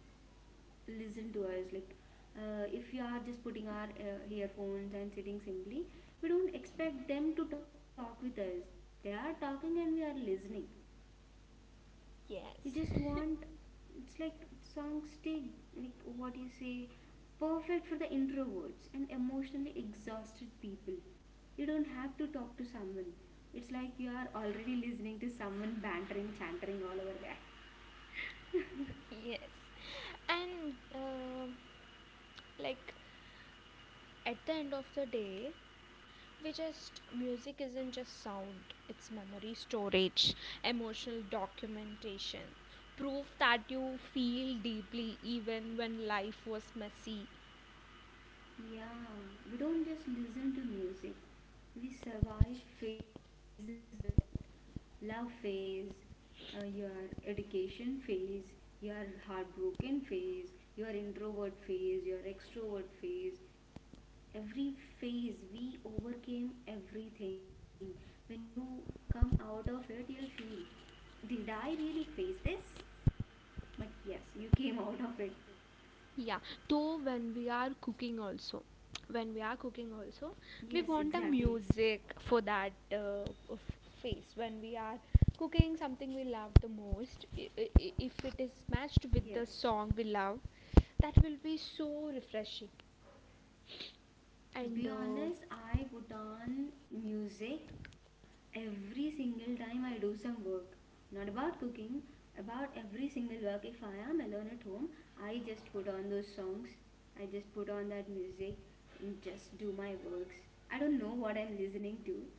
S1: listen to us. Like if we are just putting our earphones and sitting simply, we don't expect them to talk with us. They are talking and we are listening. We
S2: Yes.
S1: just want, it's like songs stay, like what you say, perfect for the introverts and emotionally exhausted people. You don't have to talk to someone. It's like you are already listening to someone bantering chantering all over there.
S2: Yes. And like, at the end of the day, we just music isn't just sound, it's memory storage, emotional documentation, proof that you feel deeply even when life was messy.
S1: Yeah, we don't just listen to music, we survive phases with it. Love phase, your education phase, your heartbroken phase, your introvert phase, your extrovert phase. Every phase, we overcame everything. When you come out of it, you'll feel, did I really face this? But yes, you came out of it.
S2: Yeah, though when we are cooking also, when we are cooking also, we
S1: Yes,
S2: want a
S1: exactly.
S2: music for that f- phase when we are cooking something we love the most. If it is matched with
S1: Yes.
S2: the song we love, that will be so refreshing.
S1: To
S2: And
S1: be honest, I put on music every single time I do some work. Not about cooking, about every single work. If I am alone at home, I just put on those songs. I just put on that music and just do my works. I don't know what I'm listening to.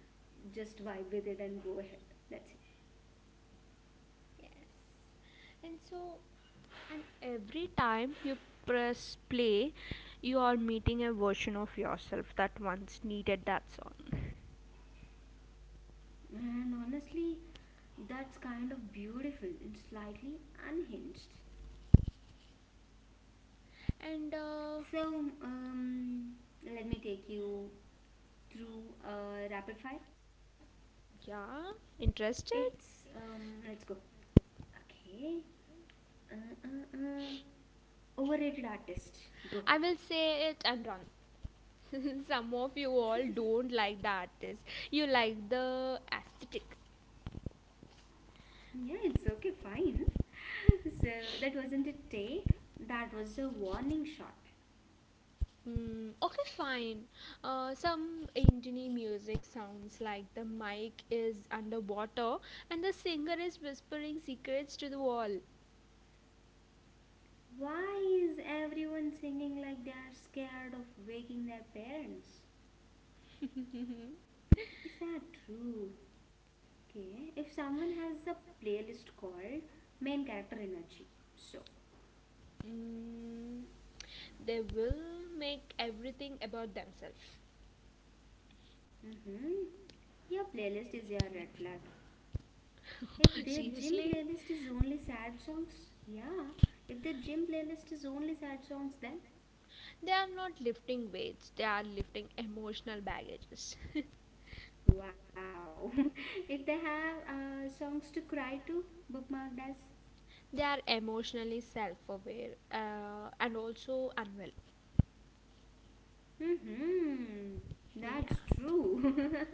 S1: Just vibe with it and go ahead. That's it.
S2: Yes. and so and every time you press play, you are meeting a version of yourself that once needed that song.
S1: And honestly, that's kind of beautiful and slightly unhinged.
S2: And
S1: So, let me take you through rapid fire?
S2: yeah, interested?
S1: It's Let's go. Okay. Uh, uh, uh. Overrated artist. Go.
S2: I will say it and run. Some of you all don't like the artist. You like the aesthetic.
S1: Yeah, it's okay. Fine. So that wasn't a take. That was a warning shot.
S2: Mm, okay, fine. Some indie music sounds like the mic is underwater and the singer is whispering secrets to the wall.
S1: Why is everyone singing like they are scared of waking their parents?
S2: Mm,
S1: Is that true? Okay. If someone has a playlist called Main Character Energy, so
S2: they will make everything about themselves.
S1: mm-hmm, your playlist is your red flag. If their gym
S2: Seriously?
S1: playlist is only sad songs, yeah. If their gym playlist is only sad songs, then
S2: They are not lifting weights, they are lifting emotional baggages.
S1: wow. If they have songs to cry to, bookmarked as,
S2: They are emotionally self aware and also unwell.
S1: hmm,
S2: Yeah.
S1: that's true.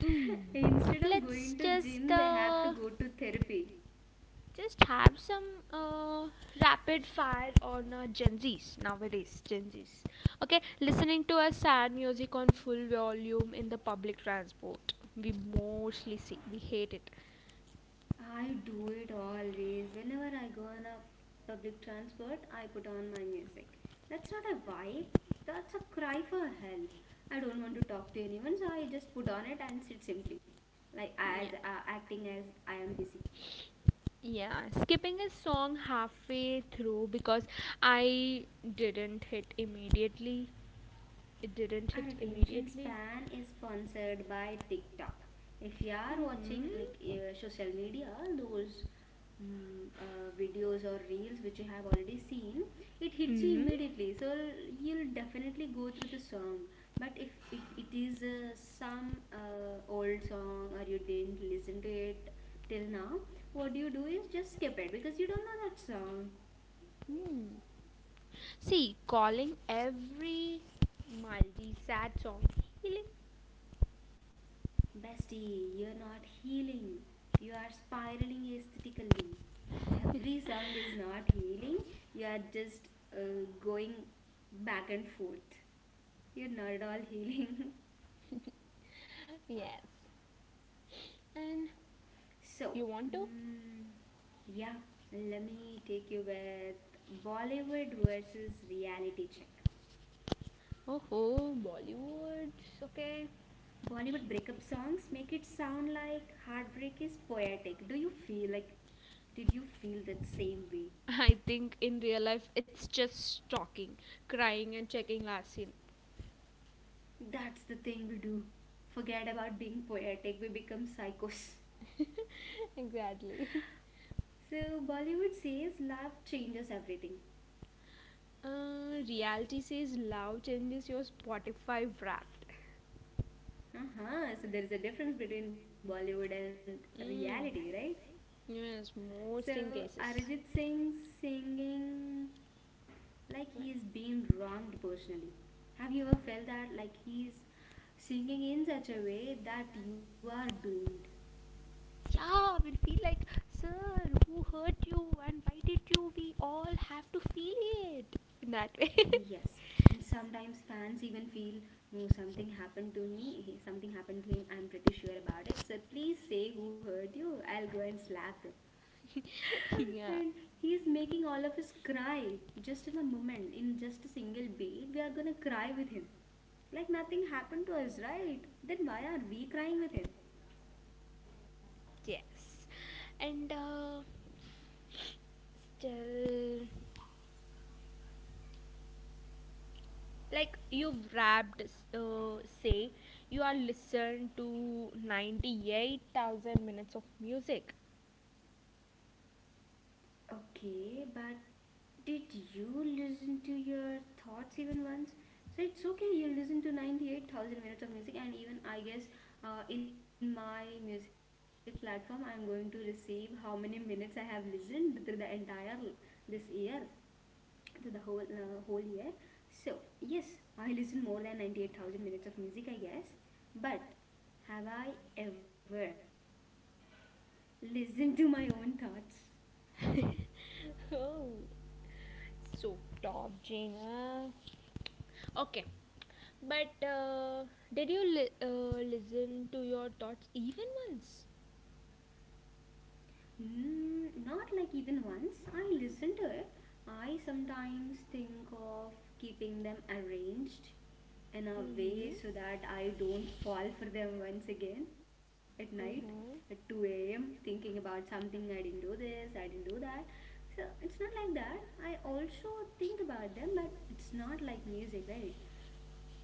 S2: Mm.
S1: Instead of
S2: Let's
S1: going to
S2: just
S1: gym, they have to
S2: uh,
S1: go to therapy.
S2: just have some uh, rapid fire on Gen Zs nowadays. Gen Zs, okay, listening to a sad music on full volume in the public transport. We mostly see. We hate it.
S1: I do it always. Whenever I go on a public transport, I put on my music. That's not a vibe, that's a cry for help. I don't want to talk to anyone, so I just put on it and sit simply, like as acting as I am
S2: Yeah.
S1: busy.
S2: Yeah, skipping a song halfway through because I didn't hit immediately. It didn't
S1: Our
S2: hit
S1: attention
S2: immediately.
S1: span is sponsored by TikTok. If you are watching
S2: Mm-hmm.
S1: like social media, those videos or reels which you have already seen, it hits you
S2: Mm-hmm.
S1: immediately. So you'll definitely go through the song. But if it is some old song or you didn't listen to it till now, what you do is just skip it because you don't know that song.
S2: Mm. See, calling every Maldi sad song healing.
S1: Bestie, you're not healing. You are spiraling aesthetically. Every song is not healing. You are just going back and forth. You're not at all healing.
S2: Yes. And
S1: So,
S2: you want to?
S1: mm, yeah, let me take you with Bollywood versus reality check.
S2: Oh, ho,
S1: Bollywood breakup
S2: Bollywood,
S1: songs
S2: okay.
S1: make it sound like heartbreak is poetic. Do you feel like, did you feel that same way?
S2: I think in real life it's just talking, crying, and checking last scene.
S1: That's the thing we do. Forget about being poetic, we become psychos.
S2: Exactly.
S1: So, Bollywood says love changes everything.
S2: Reality says love changes your Spotify wrapped.
S1: Uh huh. So, there is a difference between Bollywood and reality,
S2: Mm.
S1: right?
S2: Yes,
S1: So,
S2: most in cases.
S1: Arijit Singh singing like he is being
S2: Like-
S1: wronged personally. Have you ever felt that like he is singing in such a way that you are doomed?
S2: Yeah, we'll feel like, sir, who hurt you and why did you? We all have to feel it in that way.
S1: Yes, and sometimes fans even feel, no, something happened to me, something happened to him, I'm pretty sure about it. So please say who hurt you, I'll go and slap them.
S2: Yeah.
S1: And he's making all of us cry just in a moment, in just a single beat. We are gonna cry with him. Like nothing happened to us, right? Then why are we crying with him?
S2: Yes. And still, like you've wrapped, say, you are listened to 98,000 minutes of music.
S1: Okay, but did you listen to your thoughts even once? So it's okay, you listen to 98,000 minutes of music, and even I guess in my music platform, I'm going to receive how many minutes I have listened through the entire this year, to the whole year. So yes, I listen more than 98,000 minutes of music, I guess. But have I ever listened to my own thoughts?
S2: Oh, so top, Jaina. Okay, but did you listen to your thoughts even once?
S1: Not like even once. I listen to it. I sometimes think of keeping them arranged in a way
S2: Mm-hmm.
S1: so that I don't fall for them once again at night at
S2: Mm-hmm.
S1: 2 a.m., thinking about something. I didn't do this, I didn't do that. So it's not like that. I also think about them, but it's not like music, right?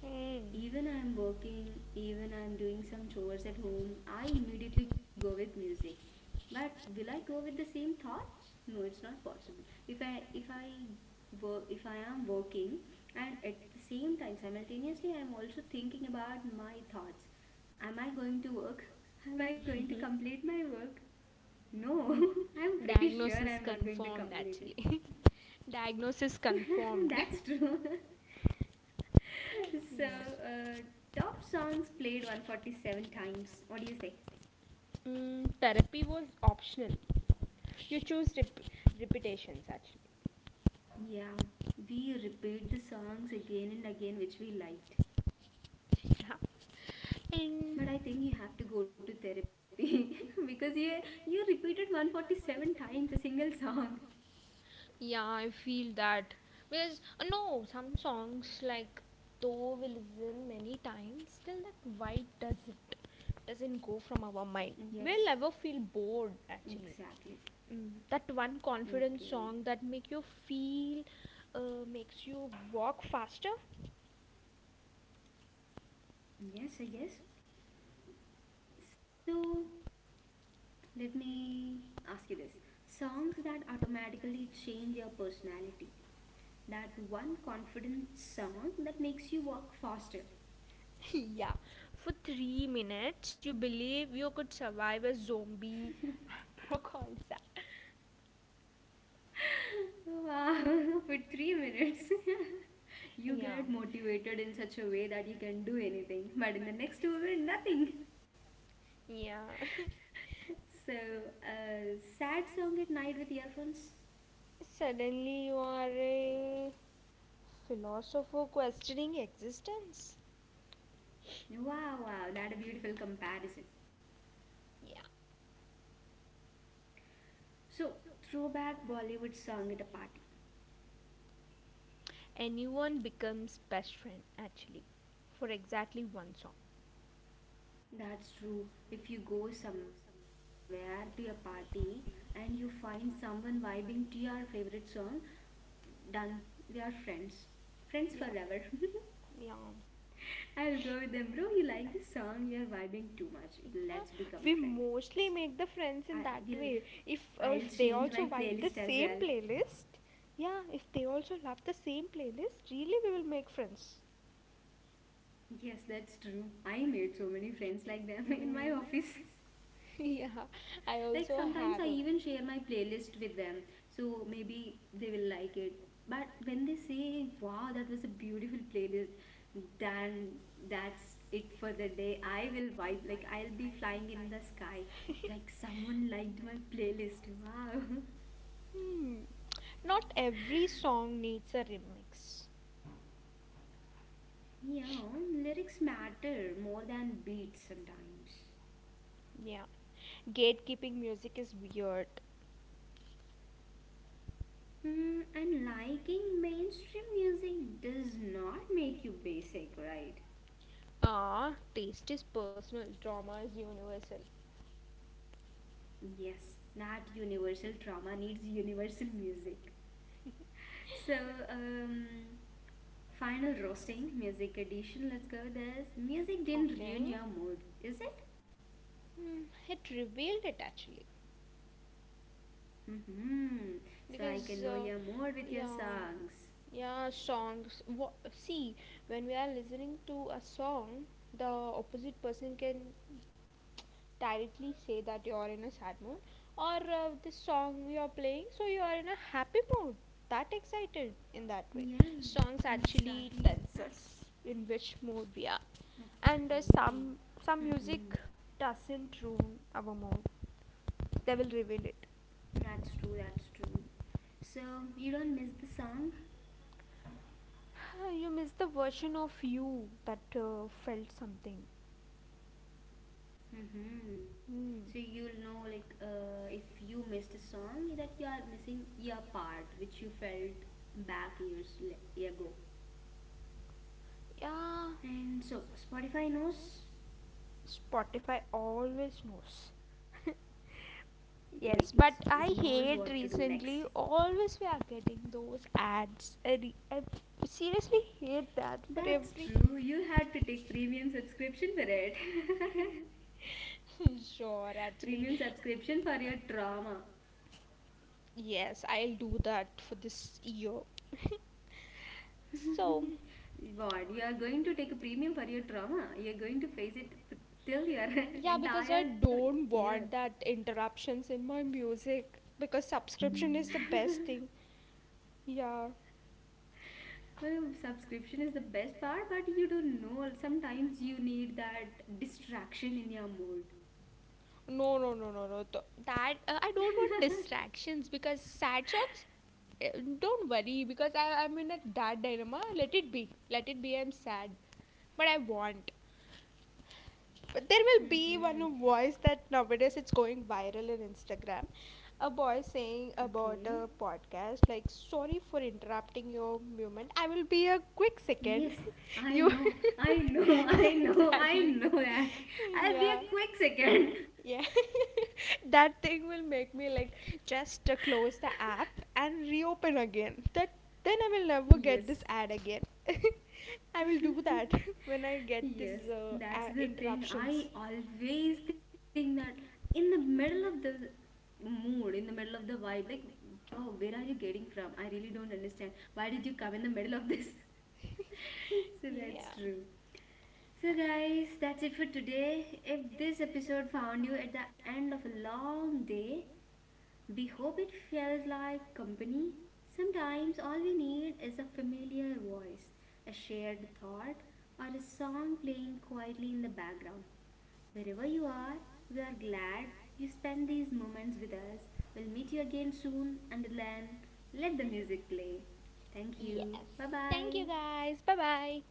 S2: Mm.
S1: Even I'm working, even I'm doing some chores at home, I immediately go with music. But will I go with the same thoughts? No, it's not possible. If I work, if I am working and at the same time simultaneously I am also thinking about my thoughts. Am I going to work? Am I going to complete my work? No, I'm pretty sure
S2: Diagnosis
S1: I'm not going to
S2: confirmed, actually.
S1: complete
S2: Diagnosis
S1: it.
S2: confirmed.
S1: That's true. so uh, Top songs played 147 times, what do you say?
S2: Mm, therapy was optional. You choose repetitions actually.
S1: Yeah, we repeat the songs again and again which we liked.
S2: Yeah. And
S1: But I think you have to go to therapy because you repeated 147 times a single song.
S2: yeah, I feel that because no, some songs like though we listen many times, still that vibe doesn't go from our mind.
S1: Yes,
S2: We'll never feel bored actually.
S1: exactly.
S2: Mm. That one confident song
S1: Okay,
S2: that makes you walk faster.
S1: yes, I guess. So let me ask you this. Songs that automatically change your personality, that one confident song that makes you walk faster.
S2: Yeah. For 3 minutes, you believe you could survive a zombie or concept.
S1: Wow, for 3 minutes, you
S2: Yeah.
S1: get motivated in such a way that you can do anything, but in the next moment, nothing.
S2: Yeah.
S1: So, a sad song at night with earphones.
S2: Suddenly, you are a philosopher questioning existence.
S1: Wow, wow, that a beautiful comparison.
S2: Yeah.
S1: So, throwback Bollywood song at a party.
S2: Anyone becomes best friend, actually, for exactly one song.
S1: That's true. If you go somewhere to a party and you find someone vibing to your favorite song, done. We are friends. Friends forever.
S2: Yeah. Yeah.
S1: I'll go with them, bro. You like this song? You're vibing too much.
S2: Yeah,
S1: Let's
S2: we
S1: become friends.
S2: mostly make the
S1: I
S2: friends in
S1: will.
S2: that way. If
S1: I'll
S2: uh, if
S1: change
S2: they
S1: my
S2: also
S1: playlist
S2: vibe
S1: as
S2: the
S1: well.
S2: same playlist, yeah, if they also love the same playlist, really we will make friends.
S1: Yes, that's true. I made so many friends like them in my
S2: Mm.
S1: office.
S2: Yeah, I
S1: Like,
S2: also
S1: sometimes
S2: have.
S1: I even share my playlist with them, so maybe they will like it. But when they say, wow, that was a beautiful playlist, then that's it for the day. I will vibe like I'll be flying in the sky, like someone liked my playlist. Wow.
S2: Hmm. Not every song needs a remix.
S1: Yeah, lyrics matter more than beats sometimes.
S2: Yeah, gatekeeping music is weird.
S1: And liking mainstream music does not make you basic, right?
S2: Ah, taste is personal, drama is universal.
S1: Yes, that universal trauma needs universal music. So, um, final roasting music edition. Let's go with this. Music didn't ruin
S2: Okay.
S1: your mood, is it?
S2: Hmm, it revealed it actually,
S1: Hmm. So I can
S2: because
S1: know your mood with
S2: yeah,
S1: your songs.
S2: yeah, songs. What, see, when we are listening to a song, the opposite person can directly say that you are in a sad mood, or the song you are playing, so you are in a happy mood. That excited in that way.
S1: Yeah,
S2: Songs actually
S1: exactly.
S2: tells
S1: That's
S2: us in which mood we are. And some
S1: true.
S2: some music
S1: Hmm.
S2: doesn't ruin our mood, they will reveal it.
S1: That's true. That's true. So you don't miss the song.
S2: You miss the version of you that felt something.
S1: Mm-hmm. So
S2: Hmm.
S1: you'll know like if you missed a song, that you are missing your part which you felt back years ago.
S2: Yeah,
S1: And so Spotify knows,
S2: Spotify always knows.
S1: like, it's
S2: Yes,
S1: it
S2: but I
S1: knows what to
S2: hate
S1: do next.
S2: recently always we are getting those ads. I seriously hate that for
S1: That's
S2: every
S1: true. You had to take premium subscription for it.
S2: sure actually.
S1: Premium subscription for your trauma.
S2: Yes, I'll do that for this year, so.
S1: What? You are going to take a premium for your trauma? You're going to face it till your
S2: Yeah, because I
S1: entire year.
S2: don't want that interruptions in my music because subscription is the best thing. Yeah.
S1: Well, subscription is the best part, but you don't know. Sometimes you need that distraction in your mood.
S2: No, no, no, no, no. That, I don't want distractions because sad songs. Don't worry, because I'm in a that dilemma. Let it be. Let it be. I'm sad, but I want. But there will be
S1: Mm-hmm.
S2: one voice that nowadays it's going viral in Instagram. A boy saying about
S1: Okay.
S2: a podcast, like, "Sorry for interrupting your movement. I will be a quick second."
S1: Yes, I
S2: You.
S1: know. I know. I know. I know
S2: Exactly.
S1: that. I'll be
S2: Yeah.
S1: a quick second.
S2: Yeah, that thing will make me like just close the app and reopen again. That, then I will never
S1: Yes,
S2: get this ad again. I will do that when I get this
S1: yes, that's the thing.
S2: interruptions.
S1: I always think that in the middle of the mood, in the middle of the vibe, like, oh, where are you getting from? I really don't understand. Why did you come in the middle of this? That's
S2: Yeah.
S1: true. So, guys, that's it for today. If this episode found you at the end of a long day, we hope it felt like company. Sometimes all we need is a familiar voice, a shared thought, or a song playing quietly in the background. Wherever you are, we are glad you spent these moments with us. We'll meet you again soon. Until then, let the music play. Thank
S2: Yes.
S1: you. Bye
S2: Thank you
S1: bye.
S2: guys. Bye bye.